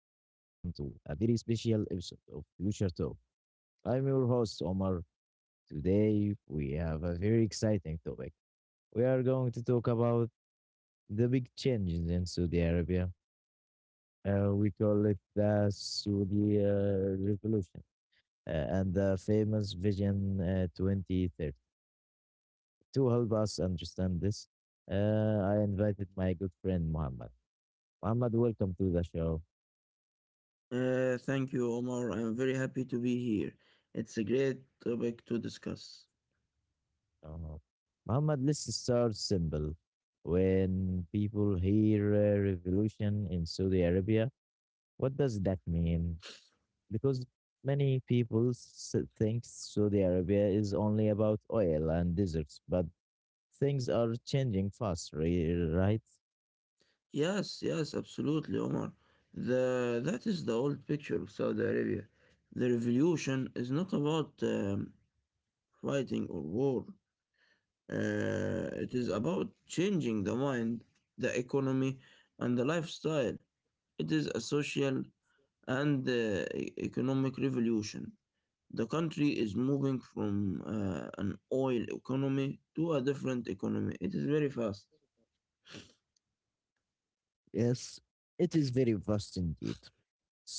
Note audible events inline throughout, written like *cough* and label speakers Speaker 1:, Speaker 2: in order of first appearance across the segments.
Speaker 1: to a very special episode of Future Talk. I'm your host, Omar. Today, we have a very exciting topic. We are going to talk about the big changes in Saudi Arabia. We call it the Saudi Revolution and the famous Vision 2030. To help us understand this, I invited my good friend, Muhammad. Muhammad, welcome to the show.
Speaker 2: Thank you, Omar. I'm very happy to be here. It's a great topic to discuss.
Speaker 1: Uh, Muhammad lists a star symbol. When people hear revolution in Saudi Arabia, what does that mean? Because many people think Saudi Arabia is only about oil and deserts, but things are changing fast, right?
Speaker 2: Yes, yes, absolutely, Omar. The that is the old picture of Saudi Arabia. The revolution is not about fighting or war. It is about changing the mind, the economy, and the lifestyle. It is a social and economic revolution. The country is moving from an oil economy to a different economy. It is very fast.
Speaker 1: Yes, it is very vast indeed.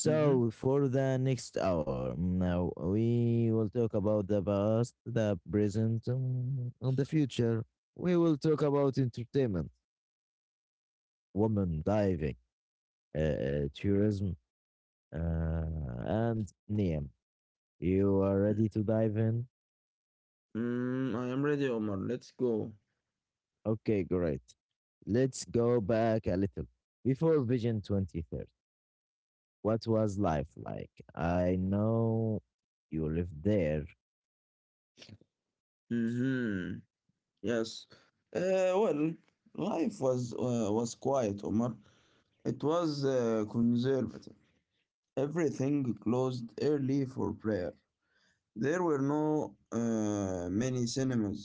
Speaker 2: Mm-hmm.
Speaker 1: for the next hour, now we will talk about the past, the present, and the future. We will talk about entertainment, women diving, tourism, uh, and Niam. You are ready to dive in?
Speaker 2: I am ready, Omar. Let's go.
Speaker 1: Okay, great. Let's go back a little. Before Vision 2030, what was life like? I know you lived there.
Speaker 2: Mm-hmm. Yes. Uh, well, life was was quiet, Omar. It was conservative. Everything closed early for prayer. There were no many cinemas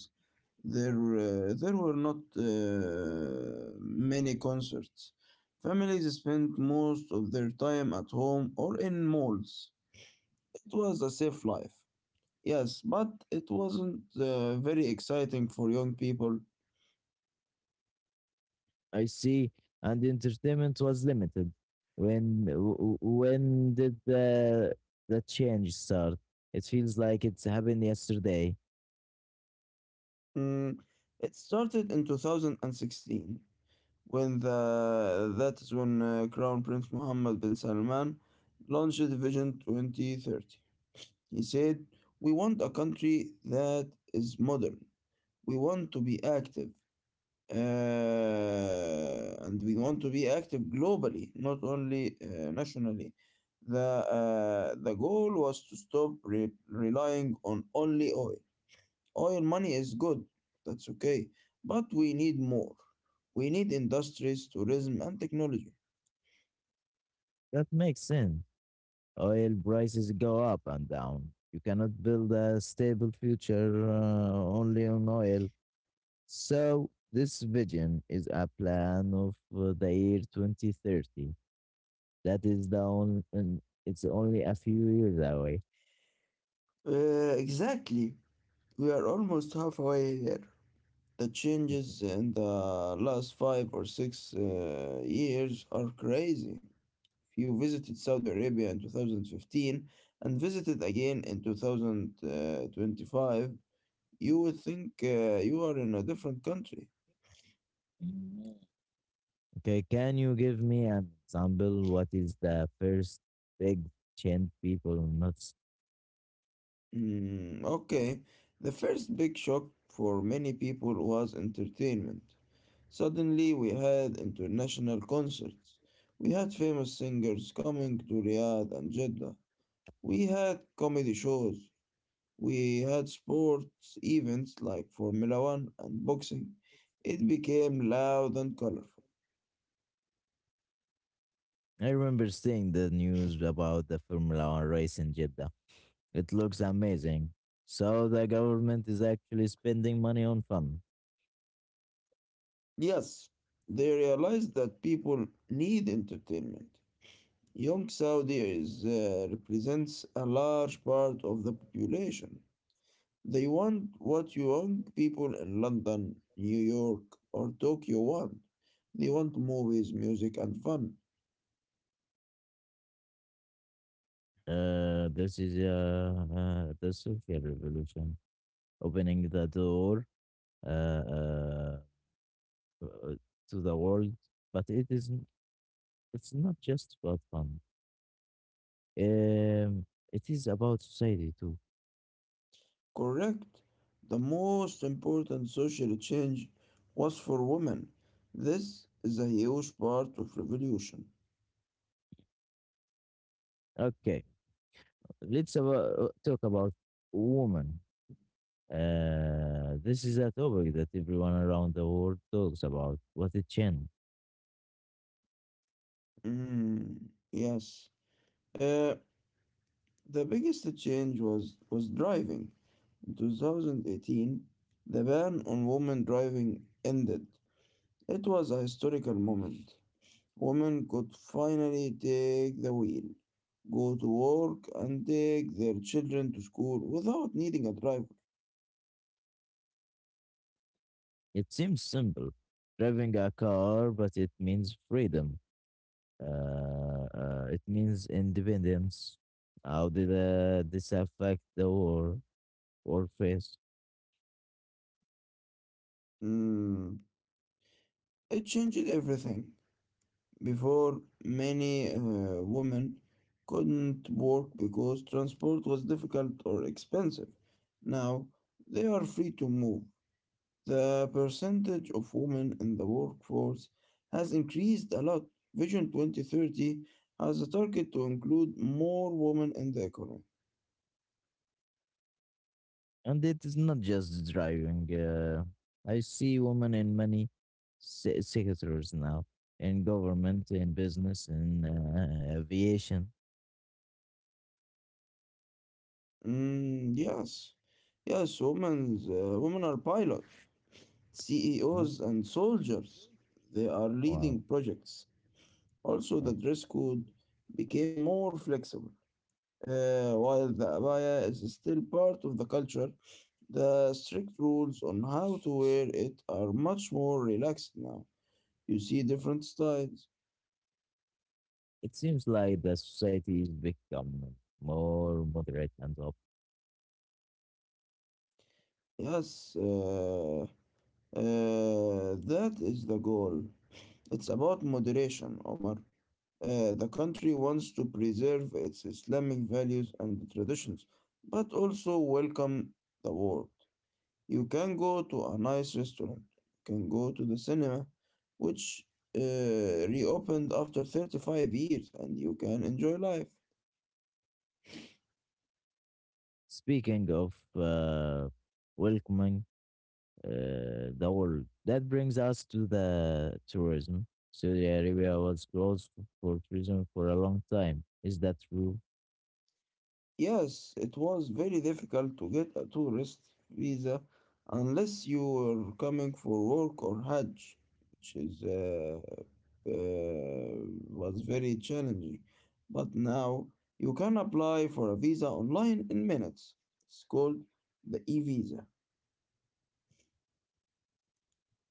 Speaker 2: There, uh, there were not many concerts. Families spent most of their time at home or in malls. It was a safe life. Yes, but it wasn't very exciting for young people.
Speaker 1: I see. And the entertainment was limited. When did the change start? It feels like it's happened yesterday.
Speaker 2: Mm, it started in 2016 when the that is when Crown Prince Mohammed bin Salman launched Vision 2030. He said, "We want a country that is modern, we want to be active and we want to be active globally, not only nationally. The goal was to stop relying on only oil. Oil money is good, that's okay, but we need more. We need industries, tourism, and technology.
Speaker 1: That makes sense. Oil prices go up and down. You cannot build a stable future only on oil. So this vision is a plan of the year 2030. That is the only. It's only a few years away.
Speaker 2: Exactly. We are almost halfway there. The changes in the last five or six years are crazy. You visited Saudi Arabia in 2015 and visited again in 2025. You would think you are in a different country.
Speaker 1: *laughs* Okay, can you give me an example? What is the first big change people notice?
Speaker 2: Mm, okay. The first big shock for many people was entertainment. Suddenly, we had international concerts. We had famous singers coming to Riyadh and Jeddah. We had comedy shows. We had sports events like Formula One and boxing. It became loud and colorful.
Speaker 1: I remember seeing the news about the Formula One race in Jeddah. It looks amazing. So the government is actually spending money on fun.
Speaker 2: Yes, they realized that people need entertainment. Young Saudi is, represents a large part of the population. They want what young people in London, New York, or Tokyo want. They want movies, music, and fun.
Speaker 1: This is the social revolution, opening the door uh, uh, uh, to the world, but it's not just about fun. Um, it is about society too.
Speaker 2: Correct. The most important social change was for women. This is a huge part of revolution.
Speaker 1: Okay, talk about women. This is a topic that everyone around the world talks about. What a change!
Speaker 2: Mm, yes. Uh, the biggest change was driving. In 2018, the ban on women driving ended. It was a historical moment. Women could finally take the wheel, go to work, and take their children to school without needing a driver.
Speaker 1: It seems simple, driving a car, but it means freedom. It means independence. How did this affect the war phase?
Speaker 2: Mm, It changed everything. Before, many women couldn't work because transport was difficult or expensive. Now, they are free to move. The percentage of women in the workforce has increased a lot. Vision 2030 has a target to include more women in the economy.
Speaker 1: And it is not just driving. I see women in many sectors now, in government, in business, in aviation.
Speaker 2: Mm, yes, women are pilots,
Speaker 1: Oh,
Speaker 2: CEOs, and soldiers. They are leading
Speaker 1: wow.
Speaker 2: projects. Also, the
Speaker 1: Wow.
Speaker 2: dress code became more flexible. While the abaya is still part of the culture, the strict rules on how to wear it are much more relaxed now. You see different styles.
Speaker 1: It seems like the society is becoming more moderate and up.
Speaker 2: Yes, that is the goal. It's about moderation, Omar. The country wants to preserve its Islamic values and traditions, but also welcome the world. You can go to a nice restaurant. You can go to the cinema, which uh, reopened after 35 years, and you can enjoy life.
Speaker 1: Speaking of welcoming the world, that brings us to the tourism. Saudi Arabia was closed for tourism for a long time. Is that true?
Speaker 2: Yes, it was very difficult to get a tourist visa unless you were coming for work or Hajj, which is uh, was very challenging. But now you can apply for a visa online in minutes. It's called the e-visa.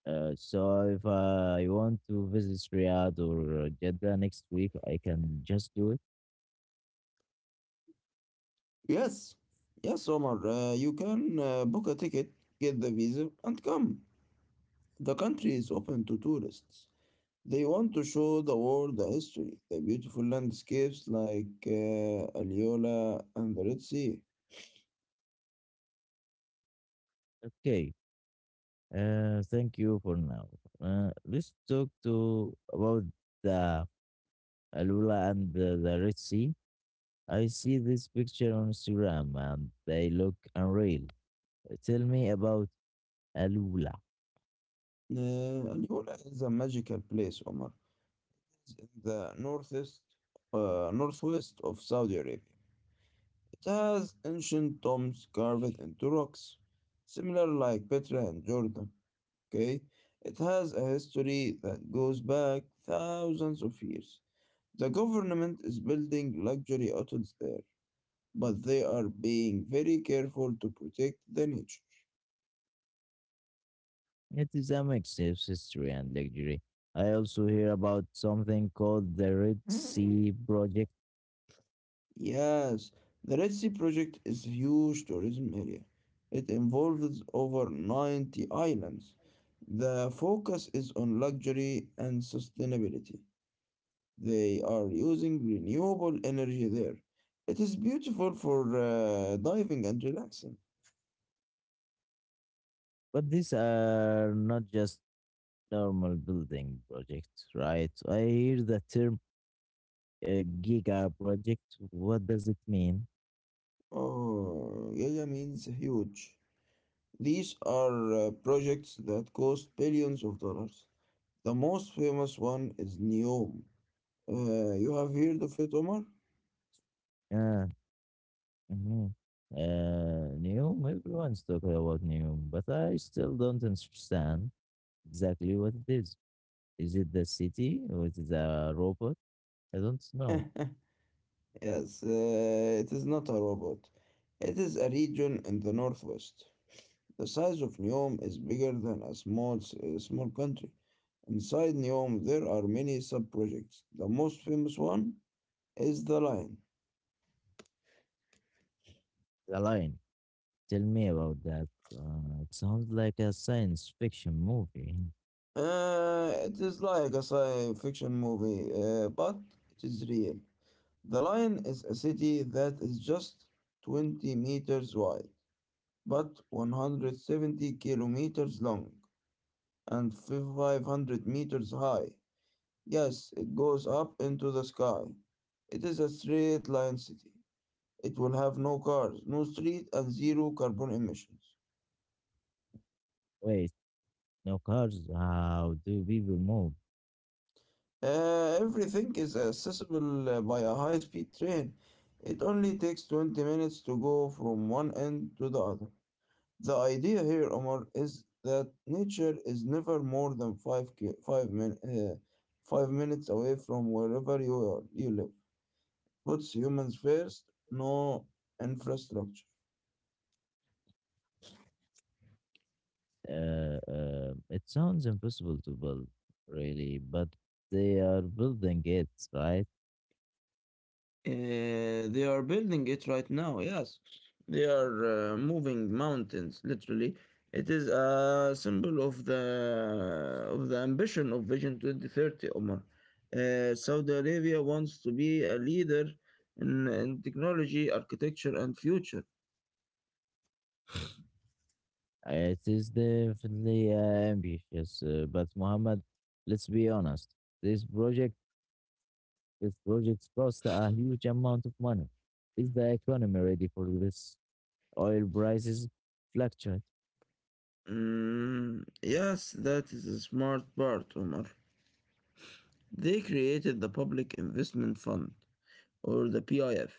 Speaker 1: So if I want to visit Riyadh or Jeddah next week, I can just do it.
Speaker 2: Yes, yes, Omar. You can book a ticket, get the visa, and come. The country is open to tourists. They want to show the world the history, the beautiful landscapes like Aliola and the Red Sea.
Speaker 1: Okay. Thank you for now. Let's talk to about the Alula and the Red Sea. I see this picture on Instagram and they look unreal. Tell me about Alula.
Speaker 2: Uh, Aliola is a magical place, Omar. It's in the northwest of Saudi Arabia. It has ancient tombs carved into rocks, similar like Petra and Jordan. Okay, it has a history that goes back thousands of years. The government is building luxury hotels there, but they are being very careful to protect the nature.
Speaker 1: It is a mix of history and luxury. I also hear about something called the Red Sea Project,
Speaker 2: Yes, the Red Sea project is a huge tourism area. It involves over 90 islands. The focus is on luxury and sustainability. They are using renewable energy there. It is beautiful for diving and relaxing.
Speaker 1: but these are not just normal building project, right? So, I hear the term giga project. What does it mean?
Speaker 2: Oh, Yaya means huge. These are projects that cost billions of dollars. The most famous one is NEOM. You have heard of it, Omar?
Speaker 1: Yeah. hmm New. Everyone's talking about new, but I still don't understand exactly what it is. Is it the city or is it the robot? I don't know.
Speaker 2: *laughs* Yes, it is not a robot. It is a region in the northwest. The size of Neom is bigger than a small country. Inside Neom, there are many sub-projects. The most famous one is The Lion.
Speaker 1: The line. Tell me about that. It sounds like a science fiction movie.
Speaker 2: It is like a science fiction movie, but it is real. The Lion is a city that is just 20 meters wide, but 170 kilometers long and 500 meters high. Yes, it goes up into the sky. It is a straight line city. It will have no cars, no street, and zero carbon emissions.
Speaker 1: Wait, no cars. How do people move?
Speaker 2: Everything is accessible by a high speed train. It only takes 20 minutes to go from one end to the other. The idea here, Omar, is that nature is never more than 5 minutes away from wherever you live. Puts humans first, no infrastructure.
Speaker 1: It sounds impossible to build, really, but they are building it, right?
Speaker 2: They are building it right now. Yes, they are moving mountains. Literally, it is a symbol of the ambition of Vision 2030. Omar, Saudi Arabia wants to be a leader in technology, architecture, and future.
Speaker 1: It is definitely ambitious, but Muhammad, let's be honest. This project, this projects cost a huge amount of money. Is the economy ready for this? Oil prices fluctuate.
Speaker 2: Yes, that is a smart part, Omar. They created the Public Investment Fund, or the PIF.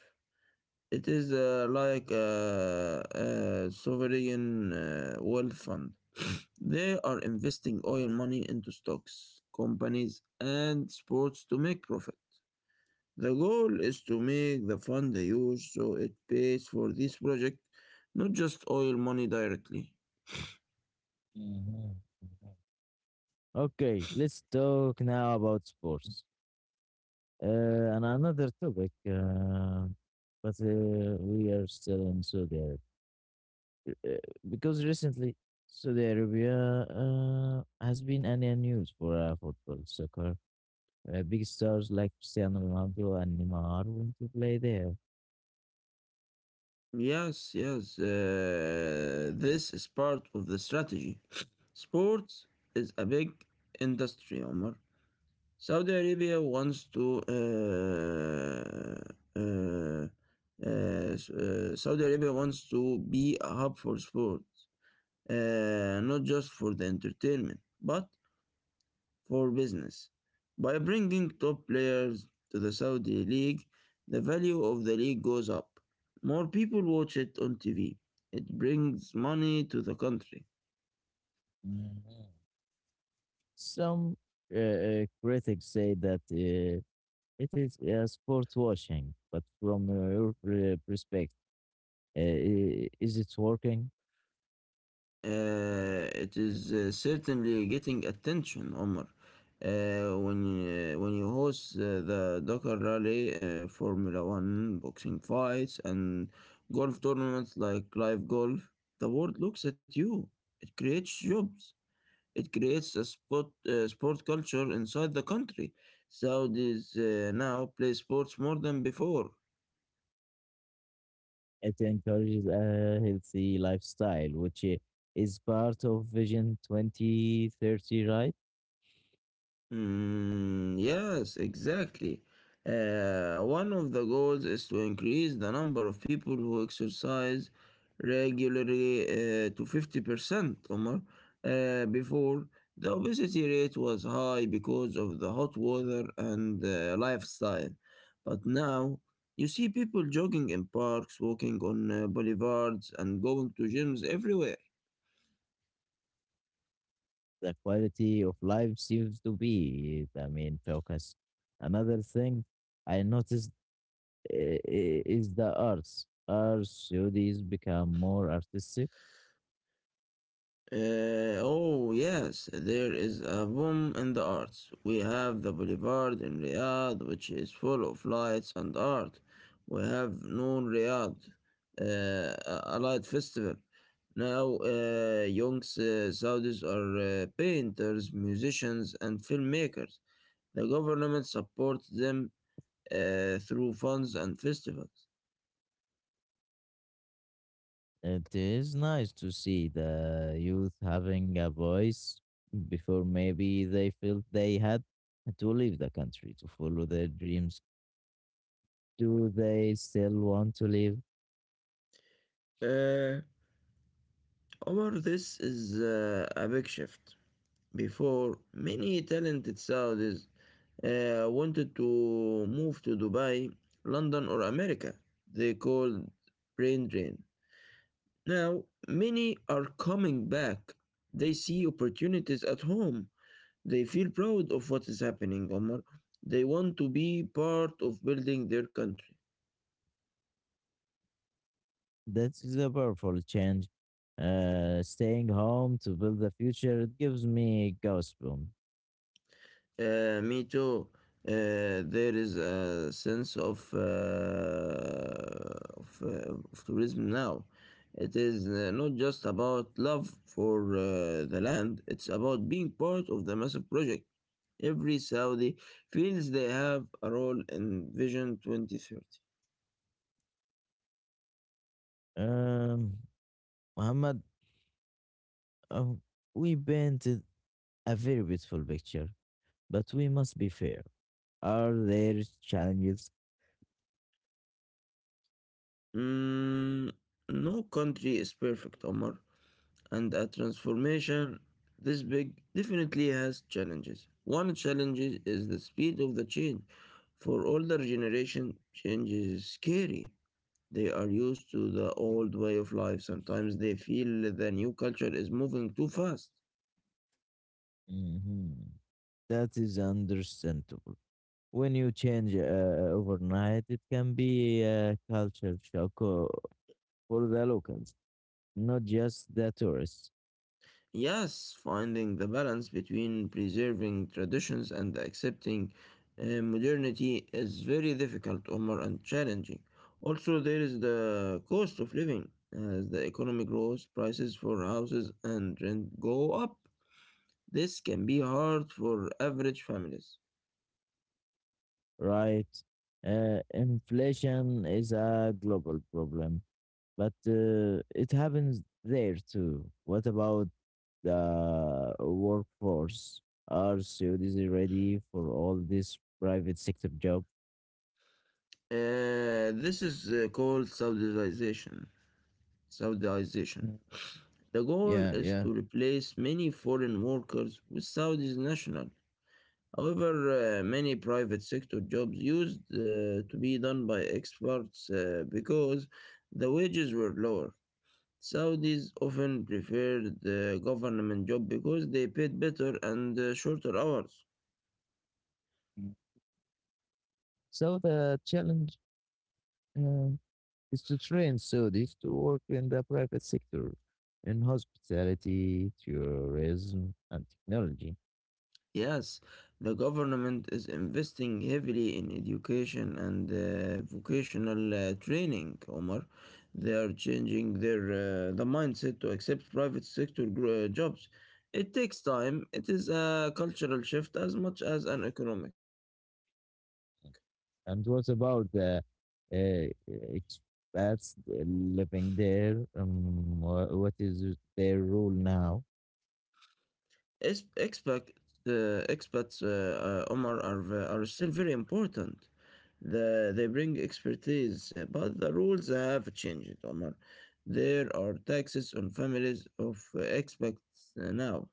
Speaker 2: It is like a sovereign wealth fund. *sniffs* *laughs* They are investing oil money into stocks, companies, and sports to make profit. The goal is to make the fund huge so it pays for this project, not just oil money directly.
Speaker 1: Mhm. Mhm. Okay, let's talk now about sports. And another topic, but we are still in Saudi Arabia uh, because recently Saudi Arabia has been in the news for football, soccer. Big stars like Cristiano Ronaldo and Neymar want to play there.
Speaker 2: Yes, yes, this is part of the strategy. *sniffs* Sports is a big industry, Omar. Saudi Arabia wants to Saudi Arabia wants to be a hub for sports, not just for the entertainment, but for business. By bringing top players to the Saudi league, the value of the league goes up. More people watch it on TV. It brings money to the country.
Speaker 1: Mhm. Some critics say that it is sport washing, but from your perspective, is it working?
Speaker 2: It is certainly getting attention, Omar. Uh, when when you host the Dakar Rally, Formula One, boxing fights, and golf tournaments like live golf, the world looks at you. It creates jobs. It creates a sport culture inside the country. Saudis now play sports more than before.
Speaker 1: It encourages a healthy lifestyle, which is part of Vision 2030, right?
Speaker 2: Yes, exactly. One of the goals is to increase the number of people who exercise regularly
Speaker 1: Particularly
Speaker 2: to 50%,
Speaker 1: 50%.
Speaker 2: Omar. Before, the obesity rate was high because of the hot weather and lifestyle. But now, you see people jogging in parks, walking on boulevards, and going to gyms everywhere.
Speaker 1: The quality of life seems to be the main focus. Another thing I noticed uh, is the arts. Arts studies become more artistic.
Speaker 2: Oh yes, there is a boom in the arts. We have the boulevard in Riyadh, which is full of lights and art. We have Noon Riyadh, a light festival. Now, young Saudis are painters, musicians, and filmmakers. The government supports them through funds and festivals.
Speaker 1: It is nice to see the youth having a voice before maybe they felt they had to leave the country to follow their dreams. Do they still want to live?
Speaker 2: Uh, Omar, this is a big shift. Before, many talented Saudis wanted to move to Dubai, London, or America. They called brain drain. Now, many are coming back. They see opportunities at home. They feel proud of what is happening, Omar. They want to be part of building their country.
Speaker 1: That is a powerful change. Staying home to build the future, it gives me goosebumps.
Speaker 2: Me too. There is a sense of of tourism now. It is not just about love for the land. It's about being part of the massive project. Every Saudi feels they have a role in Vision 2030.
Speaker 1: Um, Muhammad, uh, we painted a very beautiful picture, but we must be fair. Are there challenges?
Speaker 2: Mm, no country is perfect, Omar. And a transformation this big definitely has challenges. One challenge is the speed of the change. For older generation, change is scary. They are used to the old way of life. Sometimes they feel the new culture is moving too fast.
Speaker 1: Mhm. That is understandable. When you change overnight, it can be a culture shock for the locals, not just the tourists,
Speaker 2: Yes, finding the balance between preserving traditions and accepting modernity is very difficult, Omar, and challenging. Also, there is the cost of living. As the economy grows, prices for houses and rent go up. This can be hard for average families.
Speaker 1: right? Inflation is a global problem, but it happens there too. What about the workforce? Are Saudis ready for all this private sector job?
Speaker 2: This is called Saudization. Saudization.
Speaker 1: Mm.
Speaker 2: The goal
Speaker 1: Yeah,
Speaker 2: is
Speaker 1: yeah.
Speaker 2: to replace many foreign workers with Saudi nationals. However, many private sector jobs used to be done by experts because the wages were lower. Saudis often preferred the government job because they paid better and shorter hours.
Speaker 1: So the challenge uh, is to train Saudis to work in the private sector in hospitality, tourism, and technology.
Speaker 2: Yes, the government is investing heavily in education and vocational training, Omar. They are changing the mindset to accept private sector jobs. It takes time. It is a cultural shift as much as an economic.
Speaker 1: And what about the expats living there? What is their role now?
Speaker 2: Es- Expat, expats, Omar, are still very important. They bring expertise, but the rules have changed, Omar. There are taxes on families of expats now,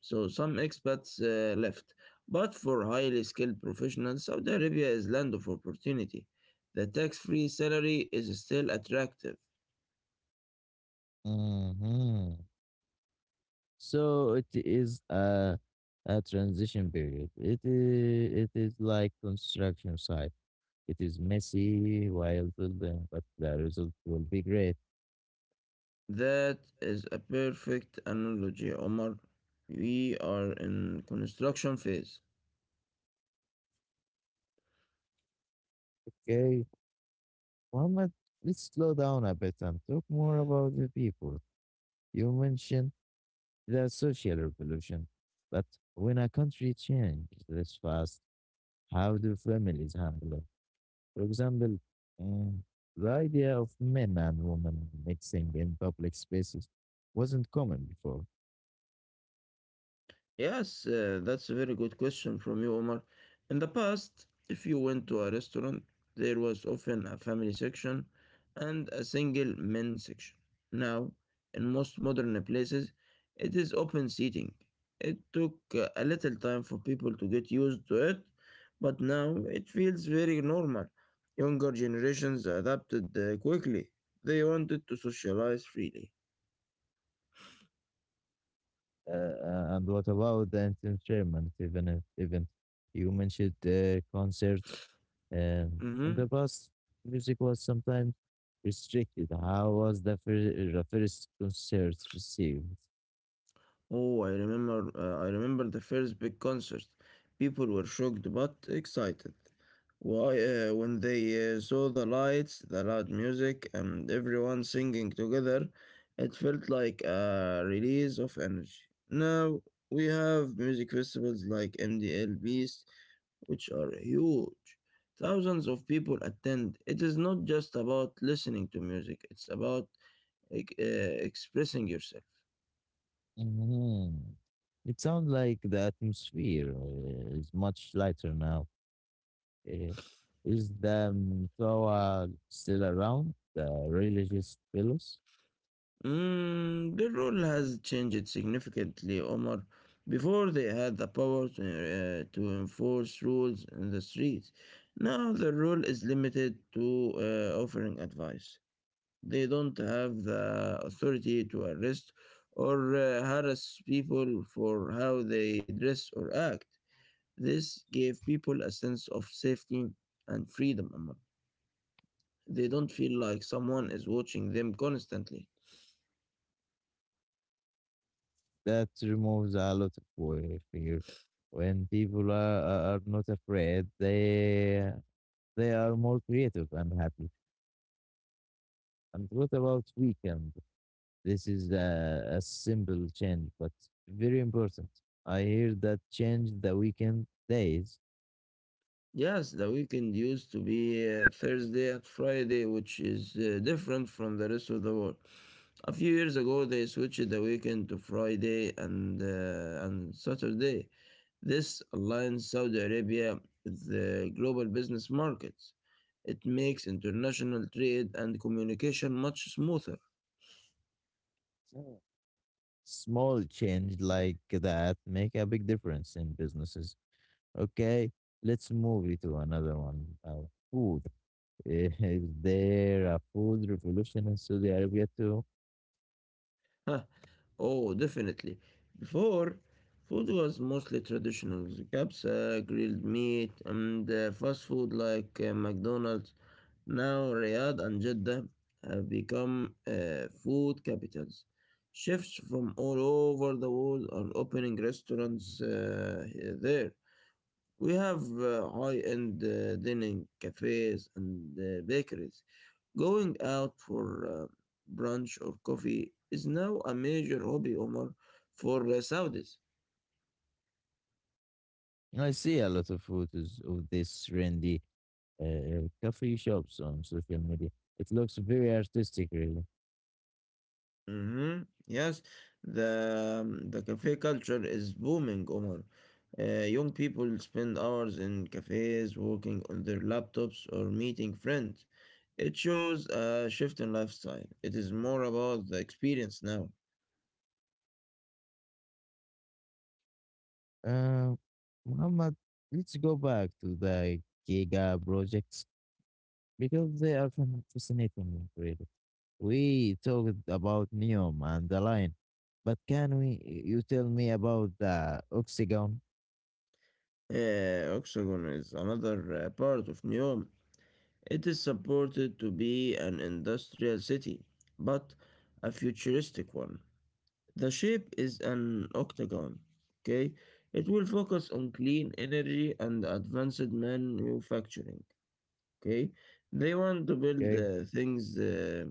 Speaker 2: so some expats left. But for highly skilled professionals, Saudi Arabia is land of opportunity. The tax-free salary is still attractive.
Speaker 1: Hmm. So it is a transition period. It is like construction site. It is messy while building, but the result will be great.
Speaker 2: That is a perfect analogy, Omar. We are in construction phase.
Speaker 1: Okay. Muhammad, let's slow down a bit and talk more about the people. You mentioned the social revolution, but when a country changes this fast, how do families handle it? For example, um, the idea of men and women mixing in public spaces wasn't common before.
Speaker 2: Yes, that's a very good question from you, Omar. In the past, if you went to a restaurant, there was often a family section and a single men section. Now, in most modern places, it is open seating. It took a little time for people to get used to it, but now it feels very normal. Younger generations adapted quickly. They wanted to socialize freely.
Speaker 1: And what about the entertainment? Even if, even you mentioned concerts, and
Speaker 2: Mm-hmm.
Speaker 1: the past music was sometimes restricted. How was the first concert received?
Speaker 2: Oh, I remember the first big concert. People were shocked but excited. Why, when they saw the lights, the loud music, and everyone singing together, it felt like a release of energy. Now we have music festivals like MDL Beast, which are huge. Thousands of people attend. It is not just about listening to music, it's about expressing yourself.
Speaker 1: Mhm. It sounds like the atmosphere is much lighter now. Uh, is the Toa still around? The religious fellows?
Speaker 2: Mm, the role has changed significantly, Omar. Before they had the power to enforce rules in the streets. Now the role is limited to offering advice. They don't have the authority to arrest or harass people for how they dress or act. This gave people a sense of safety and freedom, Omar. They don't feel like someone is watching them constantly.
Speaker 1: That removes a lot of fear. When people are not afraid, they are more creative and happy. And what about weekend? This is a simple change, but very important. I hear that change the weekend days.
Speaker 2: Yes, the weekend used to be Thursday and Friday, which is different from the rest of the world. A few years ago, they switched the weekend to Friday and Saturday. This aligns Saudi Arabia with the global business markets. It makes international trade and communication much smoother.
Speaker 1: Mm. Small change like that make a big difference in businesses. Okay, let's move it to another one. Now, food. Is *laughs* there a food revolution in Saudi Arabia too?
Speaker 2: *laughs* Oh, definitely. Before, food was mostly traditional kebabs, grilled meat, and fast food like McDonald's. Now, Riyadh and Jeddah have become food capitals. Chefs from all over the world are opening restaurants there. We have high-end dining cafes and bakeries. Going out for brunch or coffee is now a major hobby, Omar, for Saudis.
Speaker 1: I see a lot of photos of these trendy coffee shops on social media. It looks very artistic, really.
Speaker 2: Hmm. Yes, the the cafe culture is booming, Omar. Young people spend hours in cafes, working on their laptops or meeting friends. It shows a shift in lifestyle. It is more about the experience now.
Speaker 1: Uh, Muhammad, let's go back to the giga projects because they are fascinating, really. We talked about Neom and the Lion, but can we? You tell me about the Oxygon,
Speaker 2: Oxygen is another part of Neom. It is supported to be an industrial city, but a futuristic one. The shape is an octagon. Okay, it will focus on clean energy and advanced manufacturing. Okay, they want to build
Speaker 1: okay?
Speaker 2: things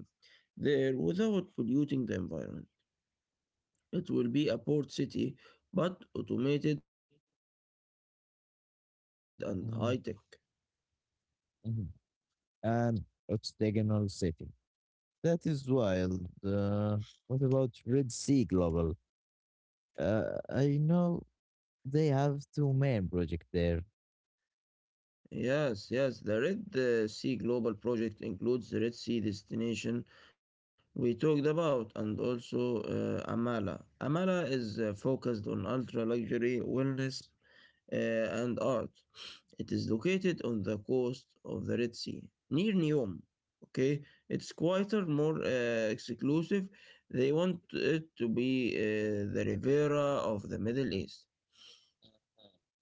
Speaker 2: there without polluting the environment. It will be a port city, but automated and high tech.
Speaker 1: Mhm, mhm. And Octagonal City. That is wild. What about Red Sea Global? Uh, I know they have two main projects there.
Speaker 2: Yes, yes. The Red Sea Global Project includes the Red Sea destination we talked about and also Amala. Amala is focused on ultra luxury, wellness, and art. It is located on the coast of the Red Sea near Neom. Okay, it's quieter, more exclusive. They want it to be the Riviera of the Middle East.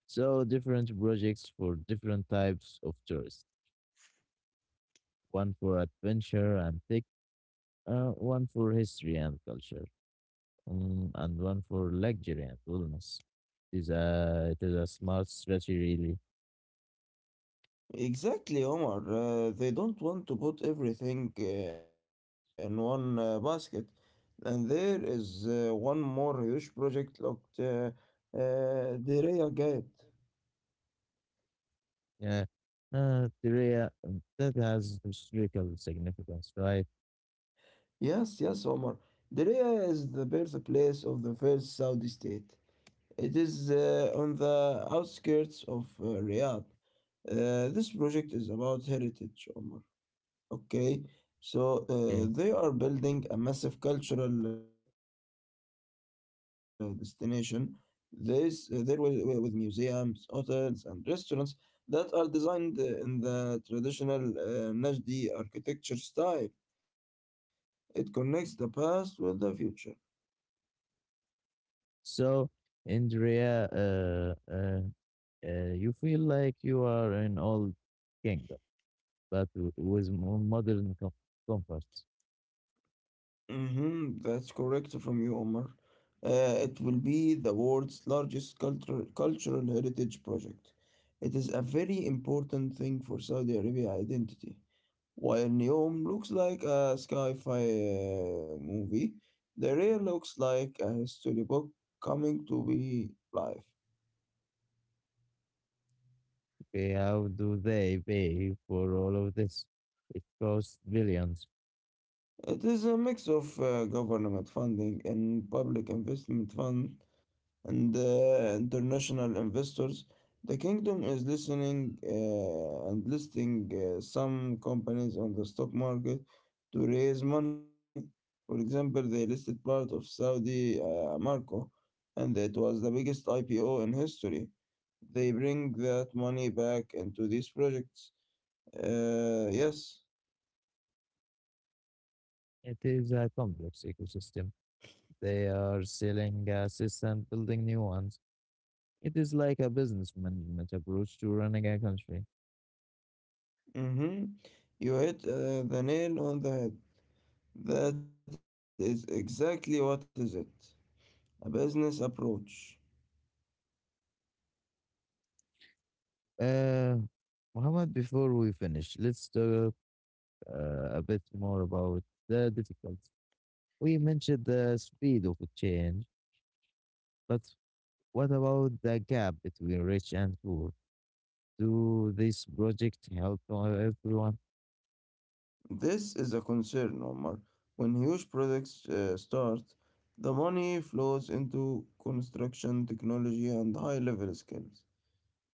Speaker 1: So different projects for different types of tourists. One for adventure and tech, one for history and culture, and one for luxury and wellness. It is it is a smart strategy, really.
Speaker 2: Exactly, Omar. They don't want to put everything in one basket. And there is one more huge project looked Diriyah Gate.
Speaker 1: Yeah. Korea, that has historical significance, right?
Speaker 2: Yes, yes, Omar. Diriyah is the birthplace of the first Saudi state. It is on the outskirts of Riyadh. This project is about heritage, Omar. Okay, so
Speaker 1: Yeah.
Speaker 2: they are building a massive cultural destination. This there will, wi- with museums, hotels, and restaurants that are designed in the traditional Najdi architecture style. It connects the past with the future.
Speaker 1: So, Andrea, you feel like you are an old kingdom, but with modern comforts.
Speaker 2: Mm-hmm, that's correct from you, Omar. It will be the world's largest cultural heritage project. It is a very important thing for Saudi Arabia identity. While Neom looks like a sci-fi movie, the real looks like a storybook coming to be life.
Speaker 1: Okay, how do they pay for all of this? It costs billions.
Speaker 2: It is a mix of government funding and public investment fund and international investors, the kingdom is listening and listing some companies on the stock market to raise money. For example, they listed part of Saudi Aramco, and it was the biggest IPO in history. They bring that money back into these projects. Yes.
Speaker 1: It is a complex ecosystem. They are selling gases and building new ones. It is like a business management approach to running a country.
Speaker 2: Mm-hmm. You hit the nail on the head. That is exactly what is it. A business approach.
Speaker 1: Uh, Muhammad, before we finish, let's talk a bit more about the difficulty. We mentioned the speed of change, but what about the gap between rich and poor? Do this project help everyone?
Speaker 2: This is a concern, Omar. When huge projects start, the money flows into construction, technology, and high level skills.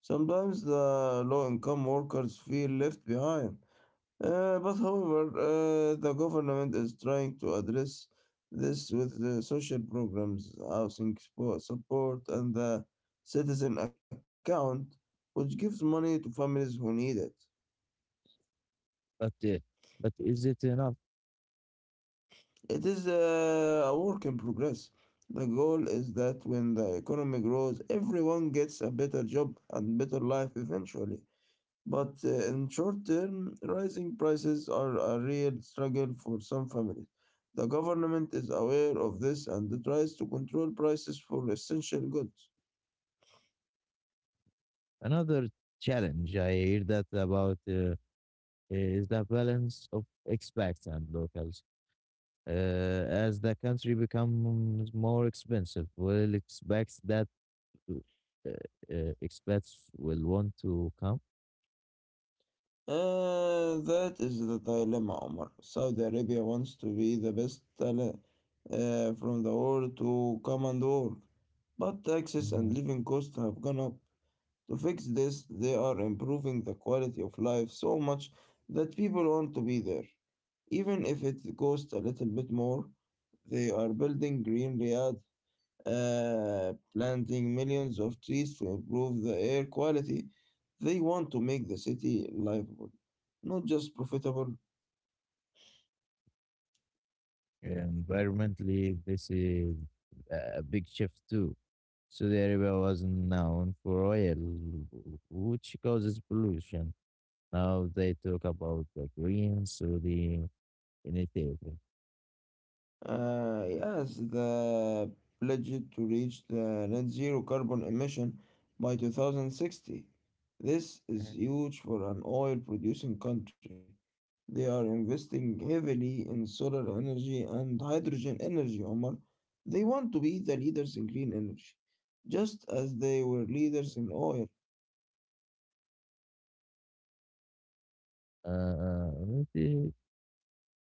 Speaker 2: Sometimes the low income workers feel left behind. But however, the government is trying to address this with the social programs, support, and the citizen account, which gives money to families who need it.
Speaker 1: But uh, but is it enough?
Speaker 2: It is a work in progress. The goal is that when the economy grows, everyone gets a better job and better life eventually. But in short term, rising prices are a real struggle for some families. The government is aware of this and tries to control prices for essential goods.
Speaker 1: Another challenge I hear that about is the balance of expats and locals. As the country becomes more expensive, will expect that uh, expats will want to come?
Speaker 2: That is the dilemma, Omar. Saudi Arabia wants to be the best talent from the world to come and work, but taxes
Speaker 1: Uh,
Speaker 2: and living costs have gone up. To fix this, they are improving the quality of life so much that people want to be there. Even if it costs a little bit more, they are building green Riyadh, planting millions of trees to improve the air quality. They want to make the city livable not just profitable.
Speaker 1: Environmentally, this is a big shift too. Saudi Arabia was known for oil, which causes pollution. Now they talk about the green Saudi initiative,
Speaker 2: Yes, the pledged to reach the net zero carbon emission by 2060. This is
Speaker 1: and
Speaker 2: huge for an oil producing country. They are investing heavily in solar energy and hydrogen energy, Omar. They want to be the leaders in green energy, just as they were leaders in oil.
Speaker 1: uh, it is,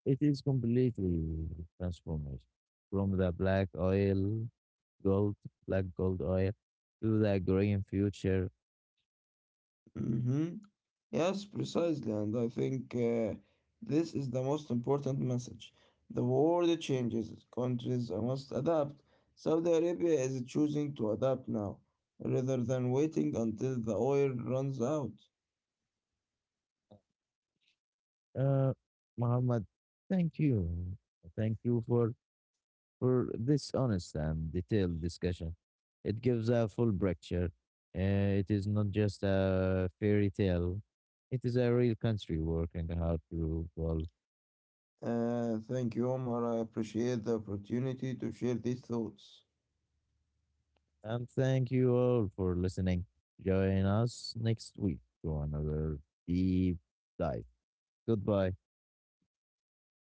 Speaker 1: it is completely transformation from the black oil, gold, black gold oil, to the green future.
Speaker 2: Mhm. Yes, precisely, and I think this is the most important message. The world changes, countries must adapt. Saudi Arabia is choosing to adapt now, rather than waiting until the oil runs out.
Speaker 1: Uh, Muhammad, thank you, thank you for this honest and detailed discussion. It gives a full picture. It is not just a fairy tale. It is a real country working hard to evolve.
Speaker 2: Thank you, Omar. I appreciate the opportunity to share these thoughts.
Speaker 1: And thank you all for listening. Join us next week for another deep dive. Goodbye.
Speaker 2: Goodbye.